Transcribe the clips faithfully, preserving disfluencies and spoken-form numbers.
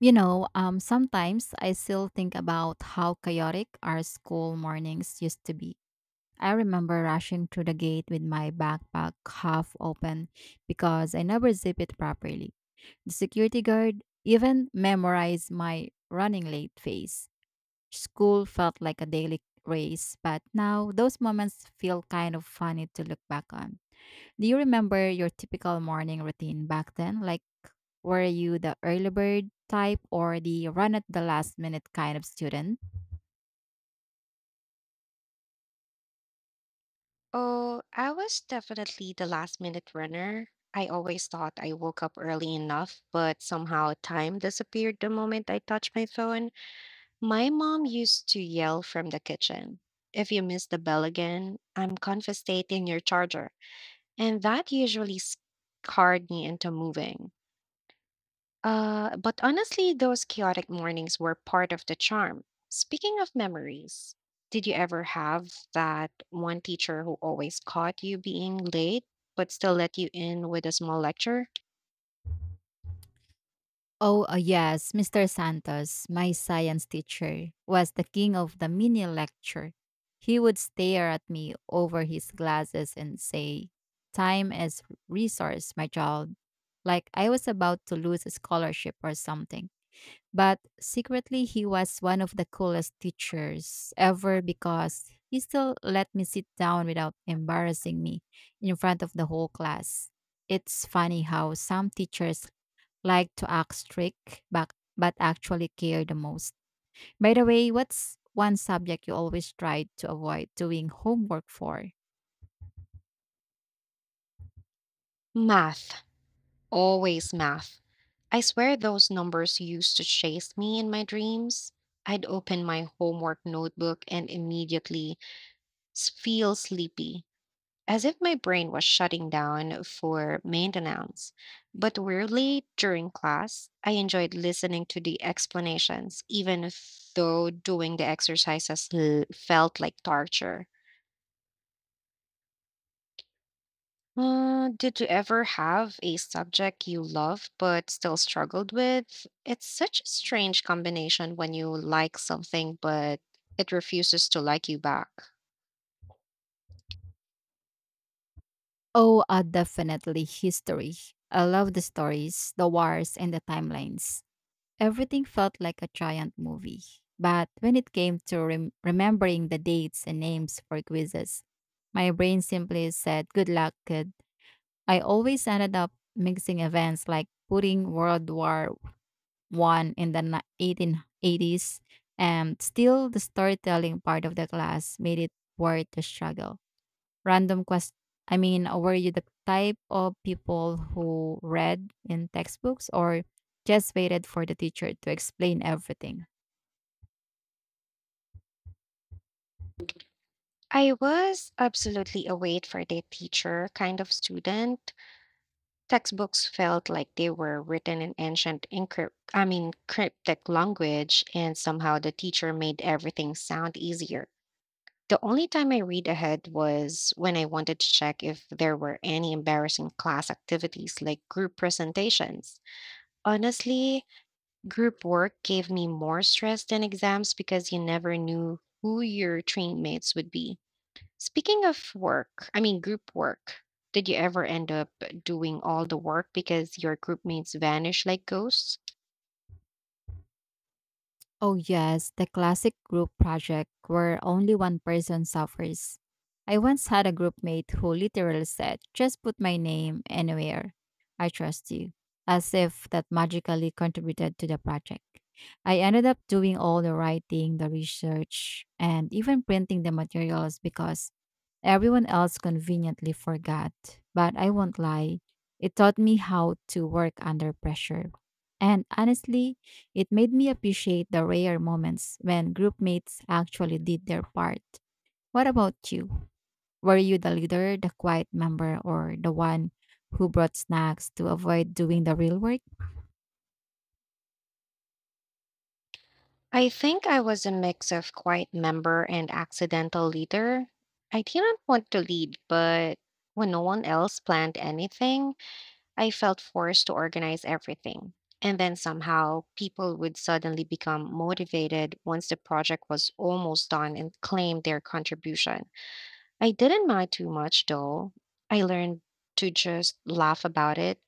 You know, um, sometimes I still think about how chaotic our school mornings used to be. I remember rushing through the gate with my backpack half open because I never zip it properly. The security guard even memorized my running late face. School felt like a daily race, but now those moments feel kind of funny to look back on. Do you remember your typical morning routine back then? Like, were you the early bird type or the run at the last minute kind of student? Oh, I was definitely the last minute runner. I always thought I woke up early enough, but somehow time disappeared the moment I touched my phone. My mom used to yell from the kitchen, "If you miss the bell again, I'm confiscating your charger." And that usually scarred me into moving. Uh, but honestly, those chaotic mornings were part of the charm. Speaking of memories, did you ever have that one teacher who always caught you being late but still let you in with a small lecture? Oh, uh, yes, mister Santos, my science teacher, was the king of the mini lecture. He would stare at me over his glasses and say, "Time is resource, my child," like I was about to lose a scholarship or something. But secretly he was one of the coolest teachers ever because he still let me sit down without embarrassing me in front of the whole class. It's funny how some teachers like to act strict but, but actually care the most. By the way, what's one subject you always tried to avoid doing homework for? Math. Always math. I swear those numbers used to chase me in my dreams. I'd open my homework notebook and immediately s- feel sleepy, as if my brain was shutting down for maintenance. But weirdly, during class, I enjoyed listening to the explanations, even if- though doing the exercises l- felt like torture. Uh, did you ever have a subject you loved but still struggled with? It's such a strange combination when you like something but it refuses to like you back. Oh, uh, definitely history. I love the stories, the wars, and the timelines. Everything felt like a giant movie. But when it came to rem- remembering the dates and names for quizzes, my brain simply said, "Good luck, kid." I always ended up mixing events like putting World War One in the ni- eighteen eighties, and still the storytelling part of the class made it worth the struggle. Random quest I mean, uh, Were you the type of people who read in textbooks or just waited for the teacher to explain everything? I was absolutely a wait for the teacher kind of student. Textbooks felt like they were written in ancient encrypt I mean cryptic language, and somehow the teacher made everything sound easier. The only time I read ahead was when I wanted to check if there were any embarrassing class activities like group presentations. Honestly, group work gave me more stress than exams because you never knew who your trainmates would be. Speaking of work, I mean group work, did you ever end up doing all the work because your group mates vanished like ghosts? Oh, yes, the classic group project where only one person suffers. I once had a group mate who literally said, "Just put my name anywhere. I trust you." As if that magically contributed to the project. I ended up doing all the writing, the research, and even printing the materials because everyone else conveniently forgot. But I won't lie, it taught me how to work under pressure. And honestly, it made me appreciate the rare moments when group mates actually did their part. What about you? Were you the leader, the quiet member, or the one who brought snacks to avoid doing the real work? I think I was a mix of quiet member and accidental leader. I didn't want to lead, but when no one else planned anything, I felt forced to organize everything. And then somehow people would suddenly become motivated once the project was almost done and claim their contribution. I didn't mind too much though. I learned to just laugh about it,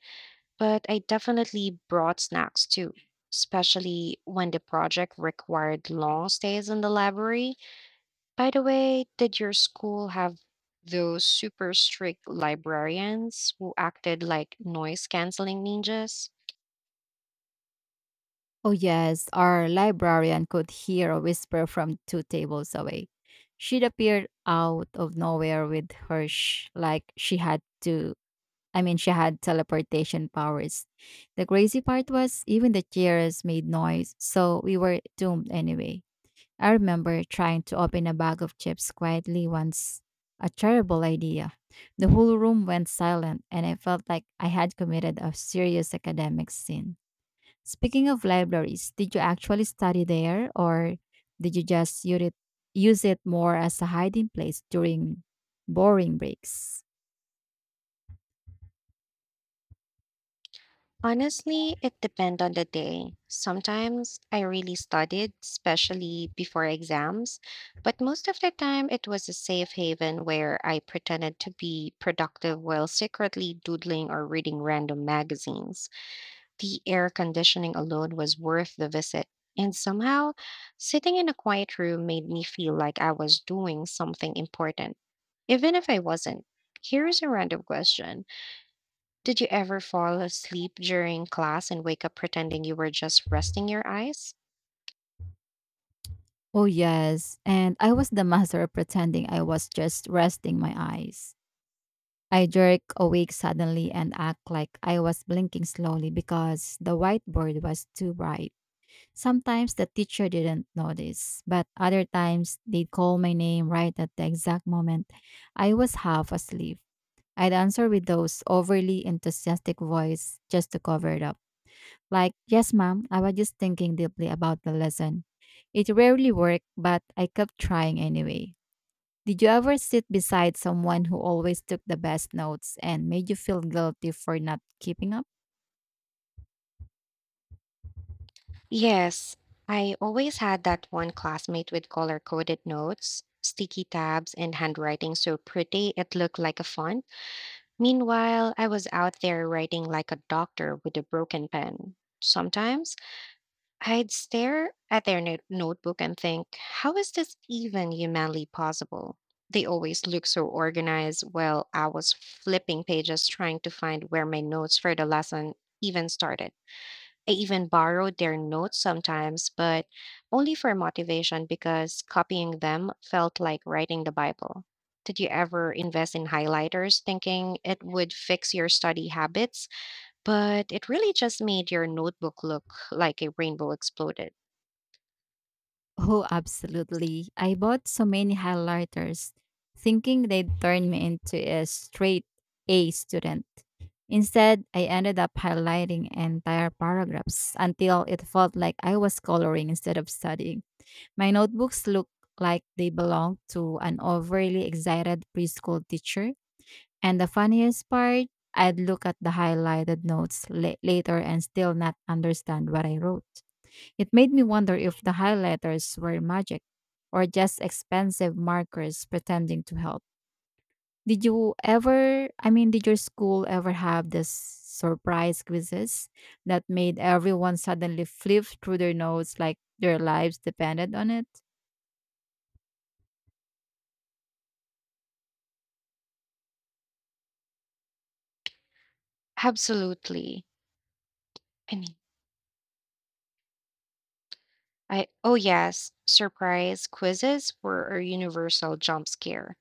but I definitely brought snacks too, especially when the project required long stays in the library. By the way, did your school have those super strict librarians who acted like noise canceling ninjas? Oh, yes, our librarian could hear a whisper from two tables away. She'd appeared out of nowhere with her, sh- like she had to, I mean, She had teleportation powers. The crazy part was even the chairs made noise, so we were doomed anyway. I remember trying to open a bag of chips quietly once. A terrible idea. The whole room went silent, and I felt like I had committed a serious academic sin. Speaking of libraries, did you actually study there, or did you just use it, use it more as a hiding place during boring breaks? Honestly, it depends on the day. Sometimes I really studied, especially before exams, but most of the time it was a safe haven where I pretended to be productive while secretly doodling or reading random magazines. The air conditioning alone was worth the visit. And somehow, sitting in a quiet room made me feel like I was doing something important, even if I wasn't. Here's a random question. Did you ever fall asleep during class and wake up pretending you were just resting your eyes? Oh, yes, and I was the master of pretending I was just resting my eyes. I jerk awake suddenly and act like I was blinking slowly because the whiteboard was too bright. Sometimes the teacher didn't notice, but other times they'd call my name right at the exact moment I was half asleep. I'd answer with those overly enthusiastic voice just to cover it up. Like, "Yes, ma'am, I was just thinking deeply about the lesson." It rarely worked, but I kept trying anyway. Did you ever sit beside someone who always took the best notes and made you feel guilty for not keeping up? Yes, I always had that one classmate with color coded notes, sticky tabs, and handwriting so pretty it looked like a font. Meanwhile, I was out there writing like a doctor with a broken pen. Sometimes I'd stare at their no- notebook and think, how is this even humanly possible? They always look so organized while I was flipping pages trying to find where my notes for the lesson even started. I even borrowed their notes sometimes, but only for motivation because copying them felt like writing the Bible. Did you ever invest in highlighters thinking it would fix your study habits, but it really just made your notebook look like a rainbow exploded? Oh, absolutely. I bought so many highlighters thinking they'd turn me into a straight A student. Instead, I ended up highlighting entire paragraphs until it felt like I was coloring instead of studying. My notebooks looked like they belonged to an overly excited preschool teacher. And the funniest part, I'd look at the highlighted notes la- later and still not understand what I wrote. It made me wonder if the highlighters were magic or just expensive markers pretending to help. Did you ever, I mean, did your school ever have this surprise quizzes that made everyone suddenly flip through their notes like their lives depended on it? Absolutely. I mean, I Oh yes, surprise quizzes were a universal jump scare.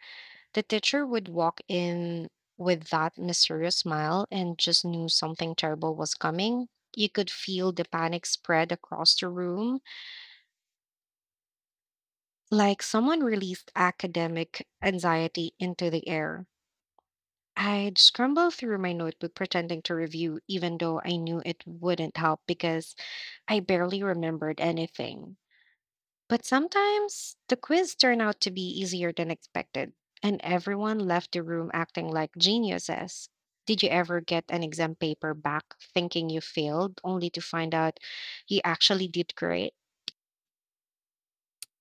The teacher would walk in with that mysterious smile, and just knew something terrible was coming. You could feel the panic spread across the room, like someone released academic anxiety into the air. I'd scramble through my notebook pretending to review, even though I knew it wouldn't help because I barely remembered anything. But sometimes the quiz turned out to be easier than expected, and everyone left the room acting like geniuses. Did you ever get an exam paper back thinking you failed, only to find out you actually did great?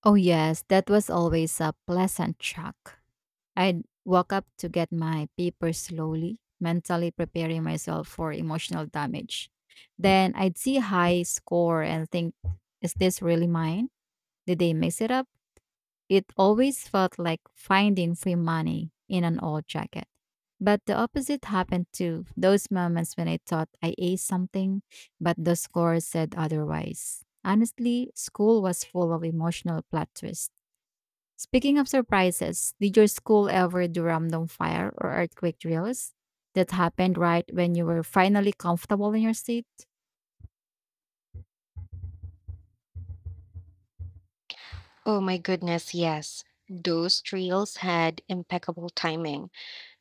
Oh, yes, that was always a pleasant shock. I'd walk up to get my paper slowly, mentally preparing myself for emotional damage. Then I'd see high score and think, is this really mine? Did they mix it up? It always felt like finding free money in an old jacket. But the opposite happened too. Those moments when I thought I aced something, but the score said otherwise. Honestly, school was full of emotional plot twists. Speaking of surprises, did your school ever do random fire or earthquake drills that happened right when you were finally comfortable in your seat? Oh my goodness, yes. Those trails had impeccable timing.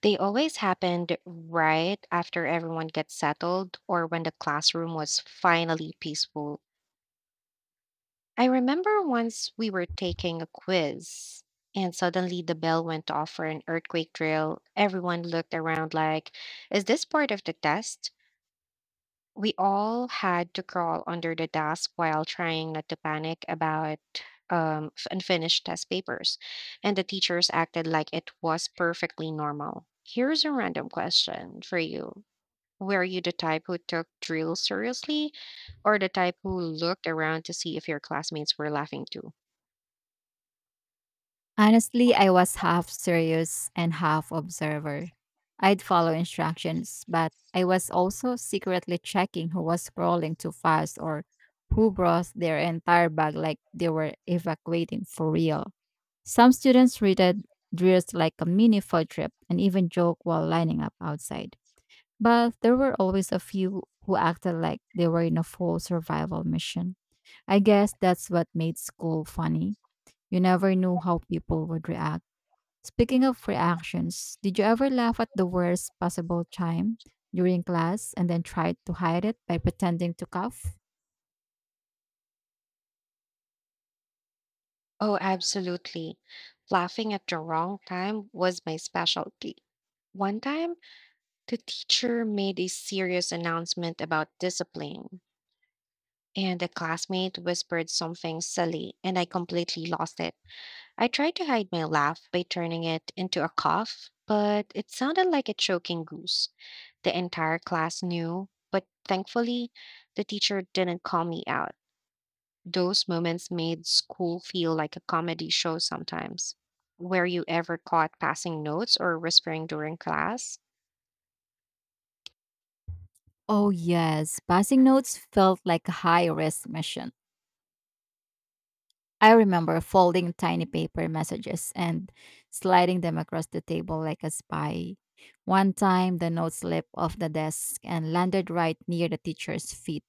They always happened right after everyone gets settled or when the classroom was finally peaceful. I remember once we were taking a quiz and suddenly the bell went off for an earthquake drill. Everyone looked around like, is this part of the test? We all had to crawl under the desk while trying not to panic about um, f- unfinished test papers. And the teachers acted like it was perfectly normal. Here's a random question for you. Were you the type who took drills seriously, or the type who looked around to see if your classmates were laughing too? Honestly, I was half serious and half observer. I'd follow instructions, but I was also secretly checking who was crawling too fast or who brought their entire bag like they were evacuating for real. Some students treated drills like a mini field trip and even joke while lining up outside. But there were always a few who acted like they were in a full survival mission. I guess that's what made school funny. You never knew how people would react. Speaking of reactions, did you ever laugh at the worst possible time during class and then tried to hide it by pretending to cough? Oh, absolutely. Laughing at the wrong time was my specialty. One time, the teacher made a serious announcement about discipline, and a classmate whispered something silly, and I completely lost it. I tried to hide my laugh by turning it into a cough, but it sounded like a choking goose. The entire class knew, but thankfully, the teacher didn't call me out. Those moments made school feel like a comedy show sometimes. Were you ever caught passing notes or whispering during class? Oh, yes. Passing notes felt like a high risk mission. I remember folding tiny paper messages and sliding them across the table like a spy. One time, the note slipped off the desk and landed right near the teacher's feet.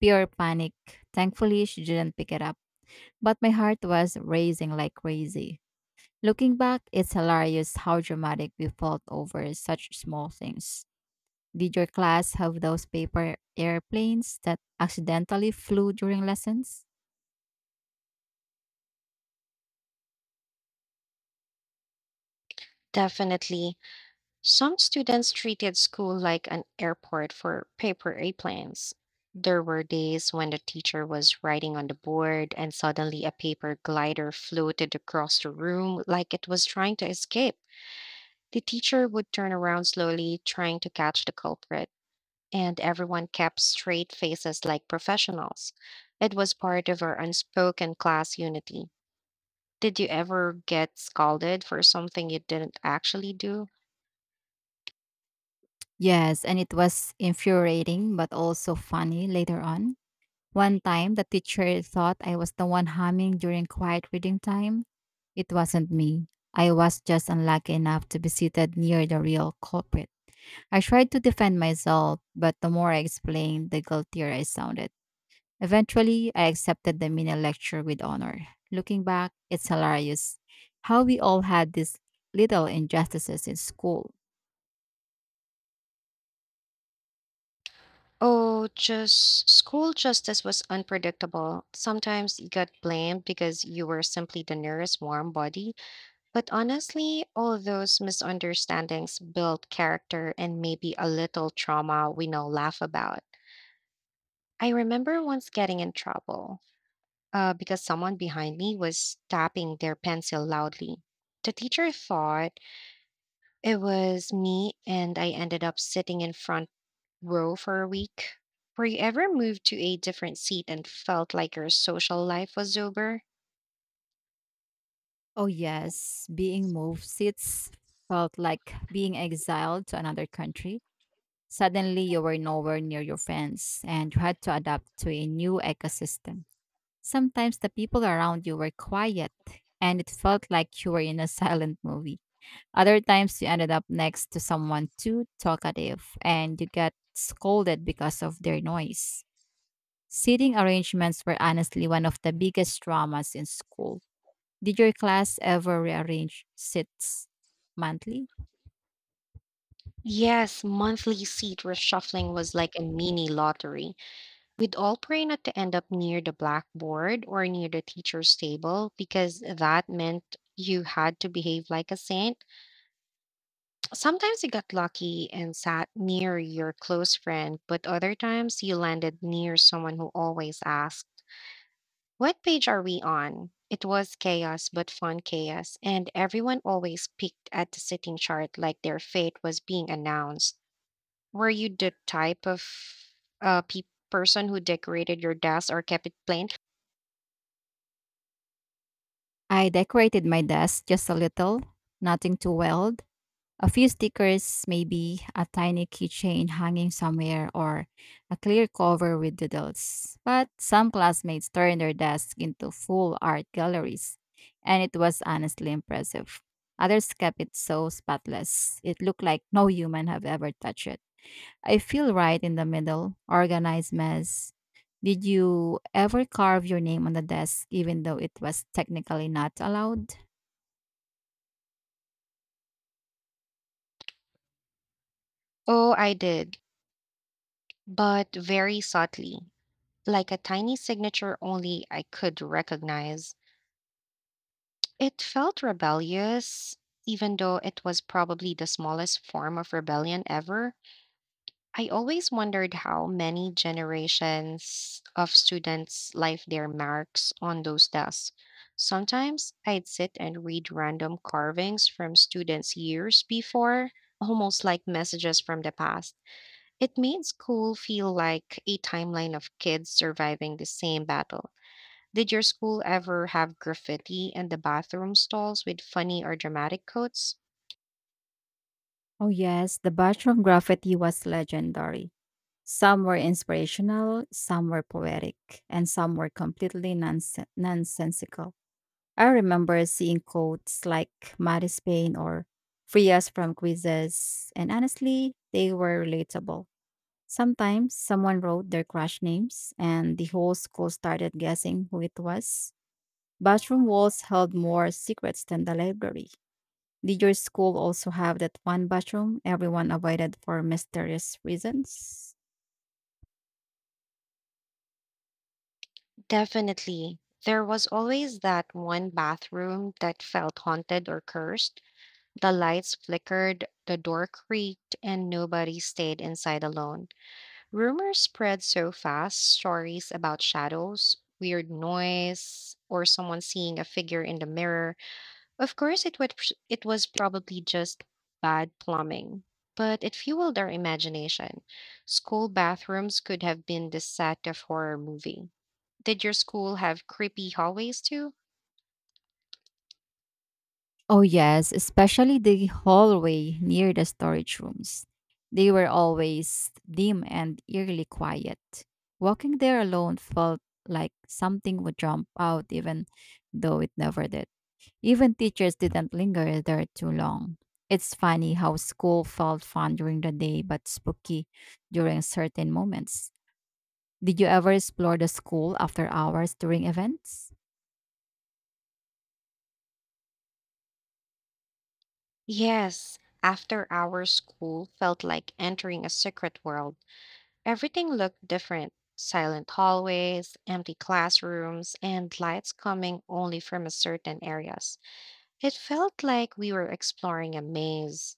Pure panic. Thankfully, she didn't pick it up, but my heart was racing like crazy. Looking back, it's hilarious how dramatic we felt over such small things. Did your class have those paper airplanes that accidentally flew during lessons? Definitely. Some students treated school like an airport for paper airplanes. There were days when the teacher was writing on the board and suddenly a paper glider floated across the room like it was trying to escape. The teacher would turn around slowly, trying to catch the culprit, and everyone kept straight faces like professionals. It was part of our unspoken class unity. Did you ever get scolded for something you didn't actually do? Yes, and it was infuriating but also funny later on. One time, the teacher thought I was the one humming during quiet reading time. It wasn't me. I was just unlucky enough to be seated near the real culprit. I tried to defend myself, but the more I explained, the guiltier I sounded. Eventually, I accepted the mini lecture with honor. Looking back, it's hilarious how we all had these little injustices in school. Oh, just school justice was unpredictable. Sometimes you got blamed because you were simply the nearest warm body. But honestly, all those misunderstandings built character, and maybe a little trauma we now laugh about. I remember once getting in trouble uh, because someone behind me was tapping their pencil loudly. The teacher thought it was me, and I ended up sitting in front row for a week. Were you ever moved to a different seat and felt like your social life was over? Oh, yes. Being moved seats felt like being exiled to another country. Suddenly, you were nowhere near your friends and you had to adapt to a new ecosystem. Sometimes the people around you were quiet and it felt like you were in a silent movie. Other times, you ended up next to someone too talkative and you got scolded because of their noise. Seating arrangements were honestly one of the biggest dramas in school. Did your class ever rearrange seats monthly? Yes, monthly seat reshuffling was like a mini lottery. We'd all pray not to end up near the blackboard or near the teacher's table because that meant you had to behave like a saint. Sometimes you got lucky and sat near your close friend, but other times you landed near someone who always asked, what page are we on? It was chaos, but fun chaos, and everyone always peeked at the sitting chart like their fate was being announced. Were you the type of uh, pe- person who decorated your desk or kept it plain? I decorated my desk just a little, nothing too wild. A few stickers, maybe a tiny keychain hanging somewhere, or a clear cover with doodles. But some classmates turned their desks into full art galleries, and it was honestly impressive. Others kept it so spotless, it looked like no human have ever touched it. I feel right in the middle, organized mess. Did you ever carve your name on the desk even though it was technically not allowed? Oh, I did, but very subtly, like a tiny signature only I could recognize. It felt rebellious, even though it was probably the smallest form of rebellion ever. I always wondered how many generations of students life their marks on those desks. Sometimes I'd sit and read random carvings from students years before, almost like messages from the past. It made school feel like a timeline of kids surviving the same battle. Did your school ever have graffiti in the bathroom stalls with funny or dramatic quotes? Oh, yes, the bathroom graffiti was legendary. Some were inspirational, some were poetic, and some were completely nonsen- nonsensical. I remember seeing quotes like "Maddie Spain" or "Free Us from Quizzes," and honestly, they were relatable. Sometimes someone wrote their crush names, and the whole school started guessing who it was. Bathroom walls held more secrets than the library. Did your school also have that one bathroom everyone avoided for mysterious reasons? Definitely. There was always that one bathroom that felt haunted or cursed. The lights flickered, the door creaked, and nobody stayed inside alone. Rumors spread so fast, stories about shadows, weird noise, or someone seeing a figure in the mirror. Of course, it, would, it was probably just bad plumbing, but it fueled our imagination. School bathrooms could have been the set of horror movie. Did your school have creepy hallways too? Oh, yes, especially the hallway near the storage rooms. They were always dim and eerily quiet. Walking there alone felt like something would jump out, even though it never did. Even teachers didn't linger there too long. It's funny how school felt fun during the day but spooky during certain moments. Did you ever explore the school after hours during events? Yes, after our school felt like entering a secret world. Everything looked different, silent hallways, empty classrooms, and lights coming only from a certain areas. It felt like we were exploring a maze.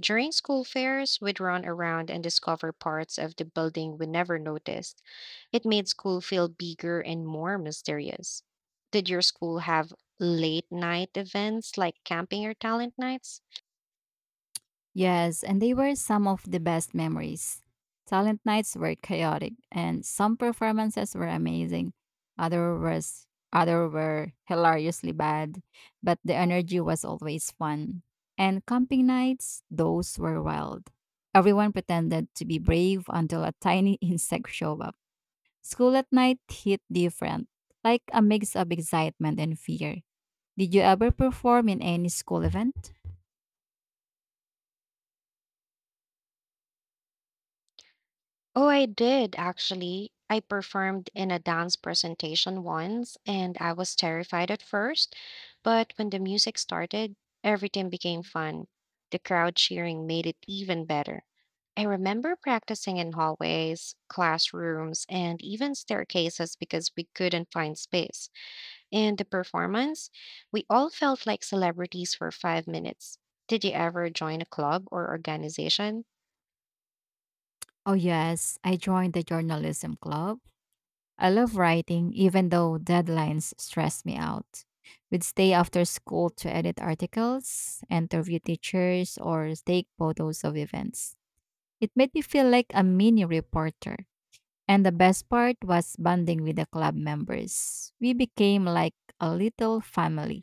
During school fairs, we'd run around and discover parts of the building we never noticed. It made school feel bigger and more mysterious. Did your school have late night events like camping or talent nights? Yes, and they were some of the best memories. Talent nights were chaotic, and some performances were amazing. Other was other were hilariously bad, but the energy was always fun. And camping nights, those were wild. Everyone pretended to be brave until a tiny insect showed up. School at night hit different, like a mix of excitement and fear. Did you ever perform in any school event? Oh, I did actually. I performed in a dance presentation once, and I was terrified at first, but when the music started, everything became fun. The crowd cheering made it even better. I remember practicing in hallways, classrooms, and even staircases because we couldn't find space. And the performance, we all felt like celebrities for five minutes. Did you ever join a club or organization? Oh, yes, I joined the journalism club. I love writing, even though deadlines stress me out. We'd stay after school to edit articles, interview teachers, or take photos of events. It made me feel like a mini reporter. And the best part was bonding with the club members. We became like a little family.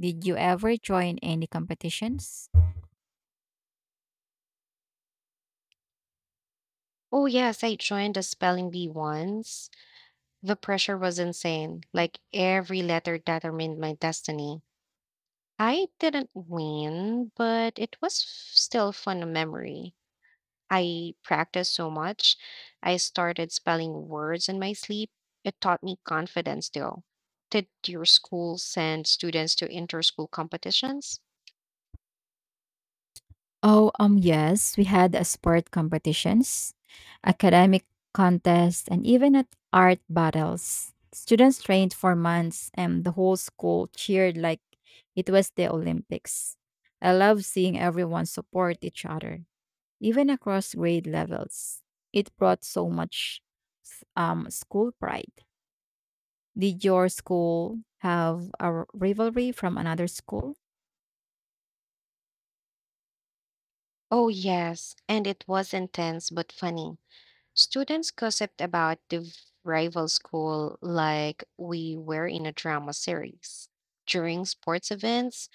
Did you ever join any competitions? Oh, yes, I joined a spelling bee once. The pressure was insane. Like every letter determined my destiny. I didn't win, but it was f- still fun a memory. I practiced so much. I started spelling words in my sleep. It taught me confidence, though. Did your school send students to inter-school competitions? Oh, um, yes, we had a sport competitions, academic contests, and even at art battles. Students trained for months, and the whole school cheered like it was the Olympics. I love seeing everyone support each other, even across grade levels. It brought so much s- um, school pride. Did your school have a r- rivalry from another school? Oh, yes, and it was intense but funny. Students gossiped about the rival school like we were in a drama series. During sports events,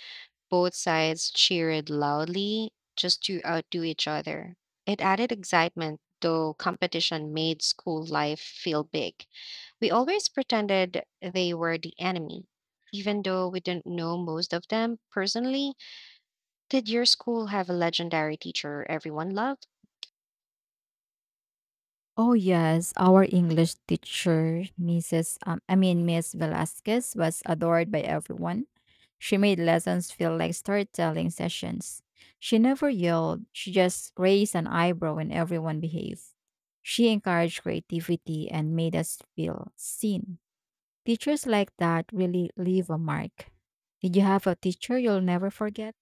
both sides cheered loudly just to outdo each other. It added excitement, though competition made school life feel big. We always pretended they were the enemy, even though we didn't know most of them personally. Did your school have a legendary teacher everyone loved? Oh yes, our English teacher, missus Um, I mean Miss Velasquez, was adored by everyone. She made lessons feel like storytelling sessions. She never yelled; she just raised an eyebrow when everyone behaved. She encouraged creativity and made us feel seen. Teachers like that really leave a mark. Did you have a teacher you'll never forget?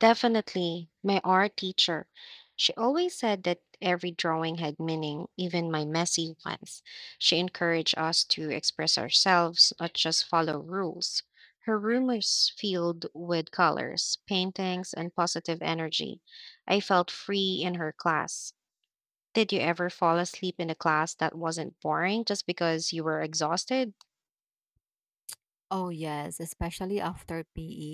Definitely, my art teacher. She always said that every drawing had meaning, even my messy ones. She encouraged us to express ourselves, not just follow rules. Her room was filled with colors, paintings, and positive energy. I felt free in her class. Did you ever fall asleep in a class that wasn't boring just because you were exhausted? Oh, yes, especially after P E.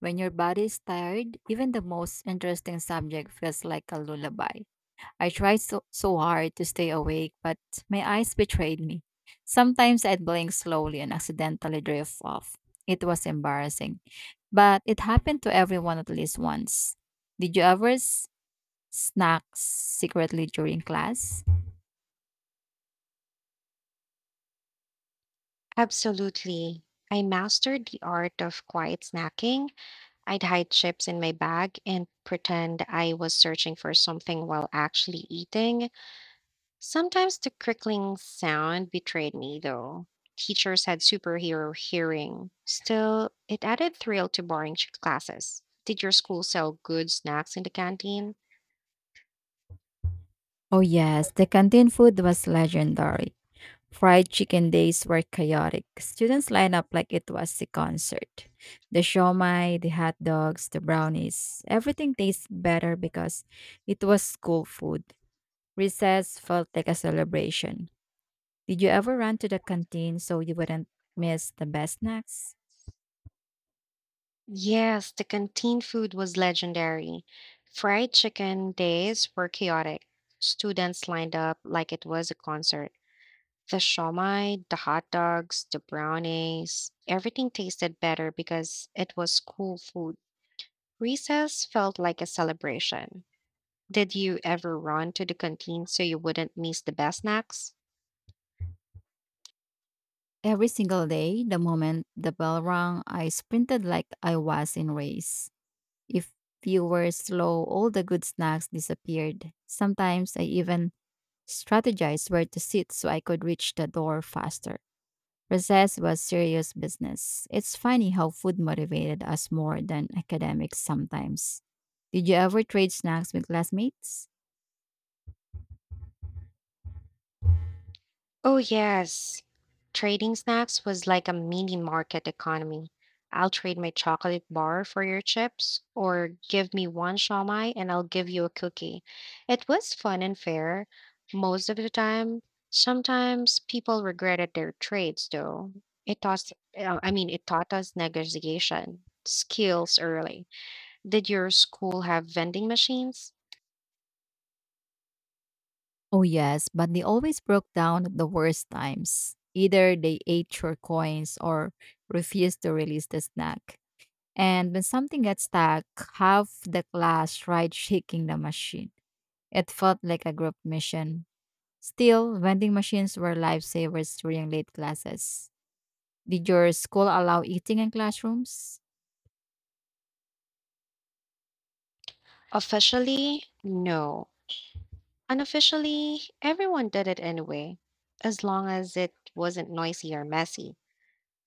When your body is tired, even the most interesting subject feels like a lullaby. I tried so, so hard to stay awake, but my eyes betrayed me. Sometimes I'd blink slowly and accidentally drift off. It was embarrassing, but it happened to everyone at least once. Did you ever s- snack secretly during class? Absolutely. I mastered the art of quiet snacking. I'd hide chips in my bag and pretend I was searching for something while actually eating. Sometimes the crickling sound betrayed me, though. Teachers had superhero hearing. Still, it added thrill to boring ch- classes. Did your school sell good snacks in the canteen? Oh, yes, the canteen food was legendary. Fried chicken days were chaotic. Students lined up like it was a concert. The shawmai, the hot dogs, the brownies, everything tasted better because it was school food. Recess felt like a celebration. Did you ever run to the canteen so you wouldn't miss the best snacks? Yes, the canteen food was legendary. Fried chicken days were chaotic. Students lined up like it was a concert. The shawmai, the hot dogs, the brownies, everything tasted better because it was school food. Recess felt like a celebration. Did you ever run to the canteen so you wouldn't miss the best snacks? Every single day, the moment the bell rang, I sprinted like I was in race. If you were slow, all the good snacks disappeared. Sometimes I even strategized where to sit so I could reach the door faster. Recess was serious business. It's funny how food motivated us more than academics sometimes. Did you ever trade snacks with classmates? Oh, yes. Trading snacks was like a mini market economy. I'll trade my chocolate bar for your chips, or give me one shawmai and I'll give you a cookie. It was fun and fair most of the time. Sometimes people regretted their trades, though. It taught, uh, I mean, it taught us negotiation skills early. Did your school have vending machines? Oh, yes, but they always broke down at the worst times. Either they ate your coins or refused to release the snack. And when something got stuck, half the class tried shaking the machine. It felt like a group mission. Still, vending machines were lifesavers during late classes. Did your school allow eating in classrooms? Officially, no. Unofficially, everyone did it anyway, as long as it wasn't noisy or messy.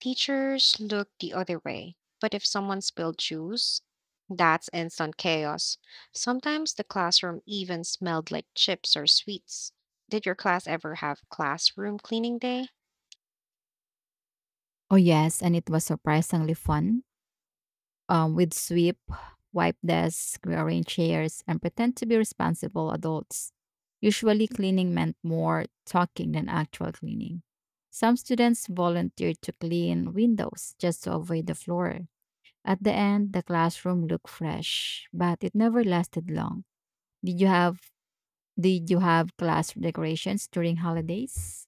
Teachers looked the other way, but if someone spilled juice, that's instant chaos. Sometimes the classroom even smelled like chips or sweets. Did your class ever have classroom cleaning day? Oh, yes, and it was surprisingly fun. Um, we'd sweep, wipe desks, rearrange chairs, and pretend to be responsible adults. Usually, cleaning meant more talking than actual cleaning. Some students volunteered to clean windows just to avoid the floor. At the end, the classroom looked fresh, but it never lasted long. Did you have Did you have class decorations during holidays?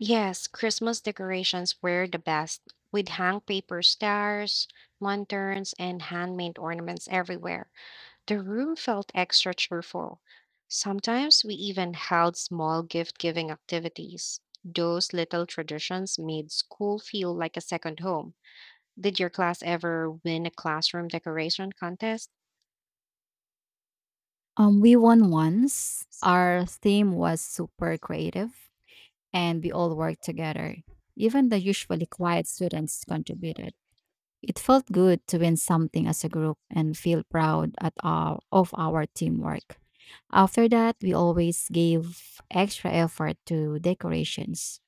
Yes, Christmas decorations were the best. We'd hang paper stars, lanterns, and handmade ornaments everywhere. The room felt extra cheerful. Sometimes we even held small gift giving activities. Those little traditions made school feel like a second home. Did your class ever win a classroom decoration contest? Um, we won once. Our theme was super creative, and we all worked together. Even the usually quiet students contributed. It felt good to win something as a group and feel proud at our, of our teamwork. After that, we always gave extra effort to decorations.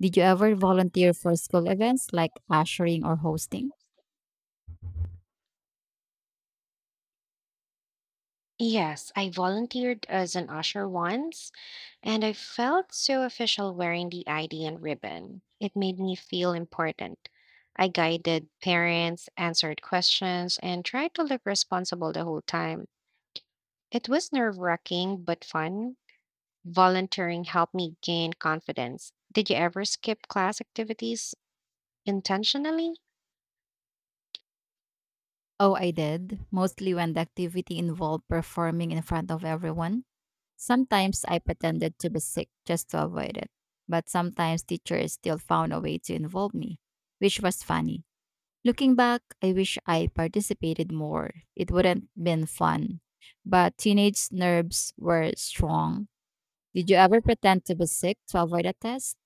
Did you ever volunteer for school events like ushering or hosting? Yes, I volunteered as an usher once. And I felt so official wearing the I D and ribbon. It made me feel important. I guided parents, answered questions, and tried to look responsible the whole time. It was nerve wracking but fun. Volunteering helped me gain confidence. Did you ever skip class activities intentionally? Oh, I did. Mostly when the activity involved performing in front of everyone. Sometimes I pretended to be sick just to avoid it. But sometimes teachers still found a way to involve me, which was funny. Looking back, I wish I participated more. It wouldn't been fun. But teenage nerves were strong. Did you ever pretend to be sick to avoid a test?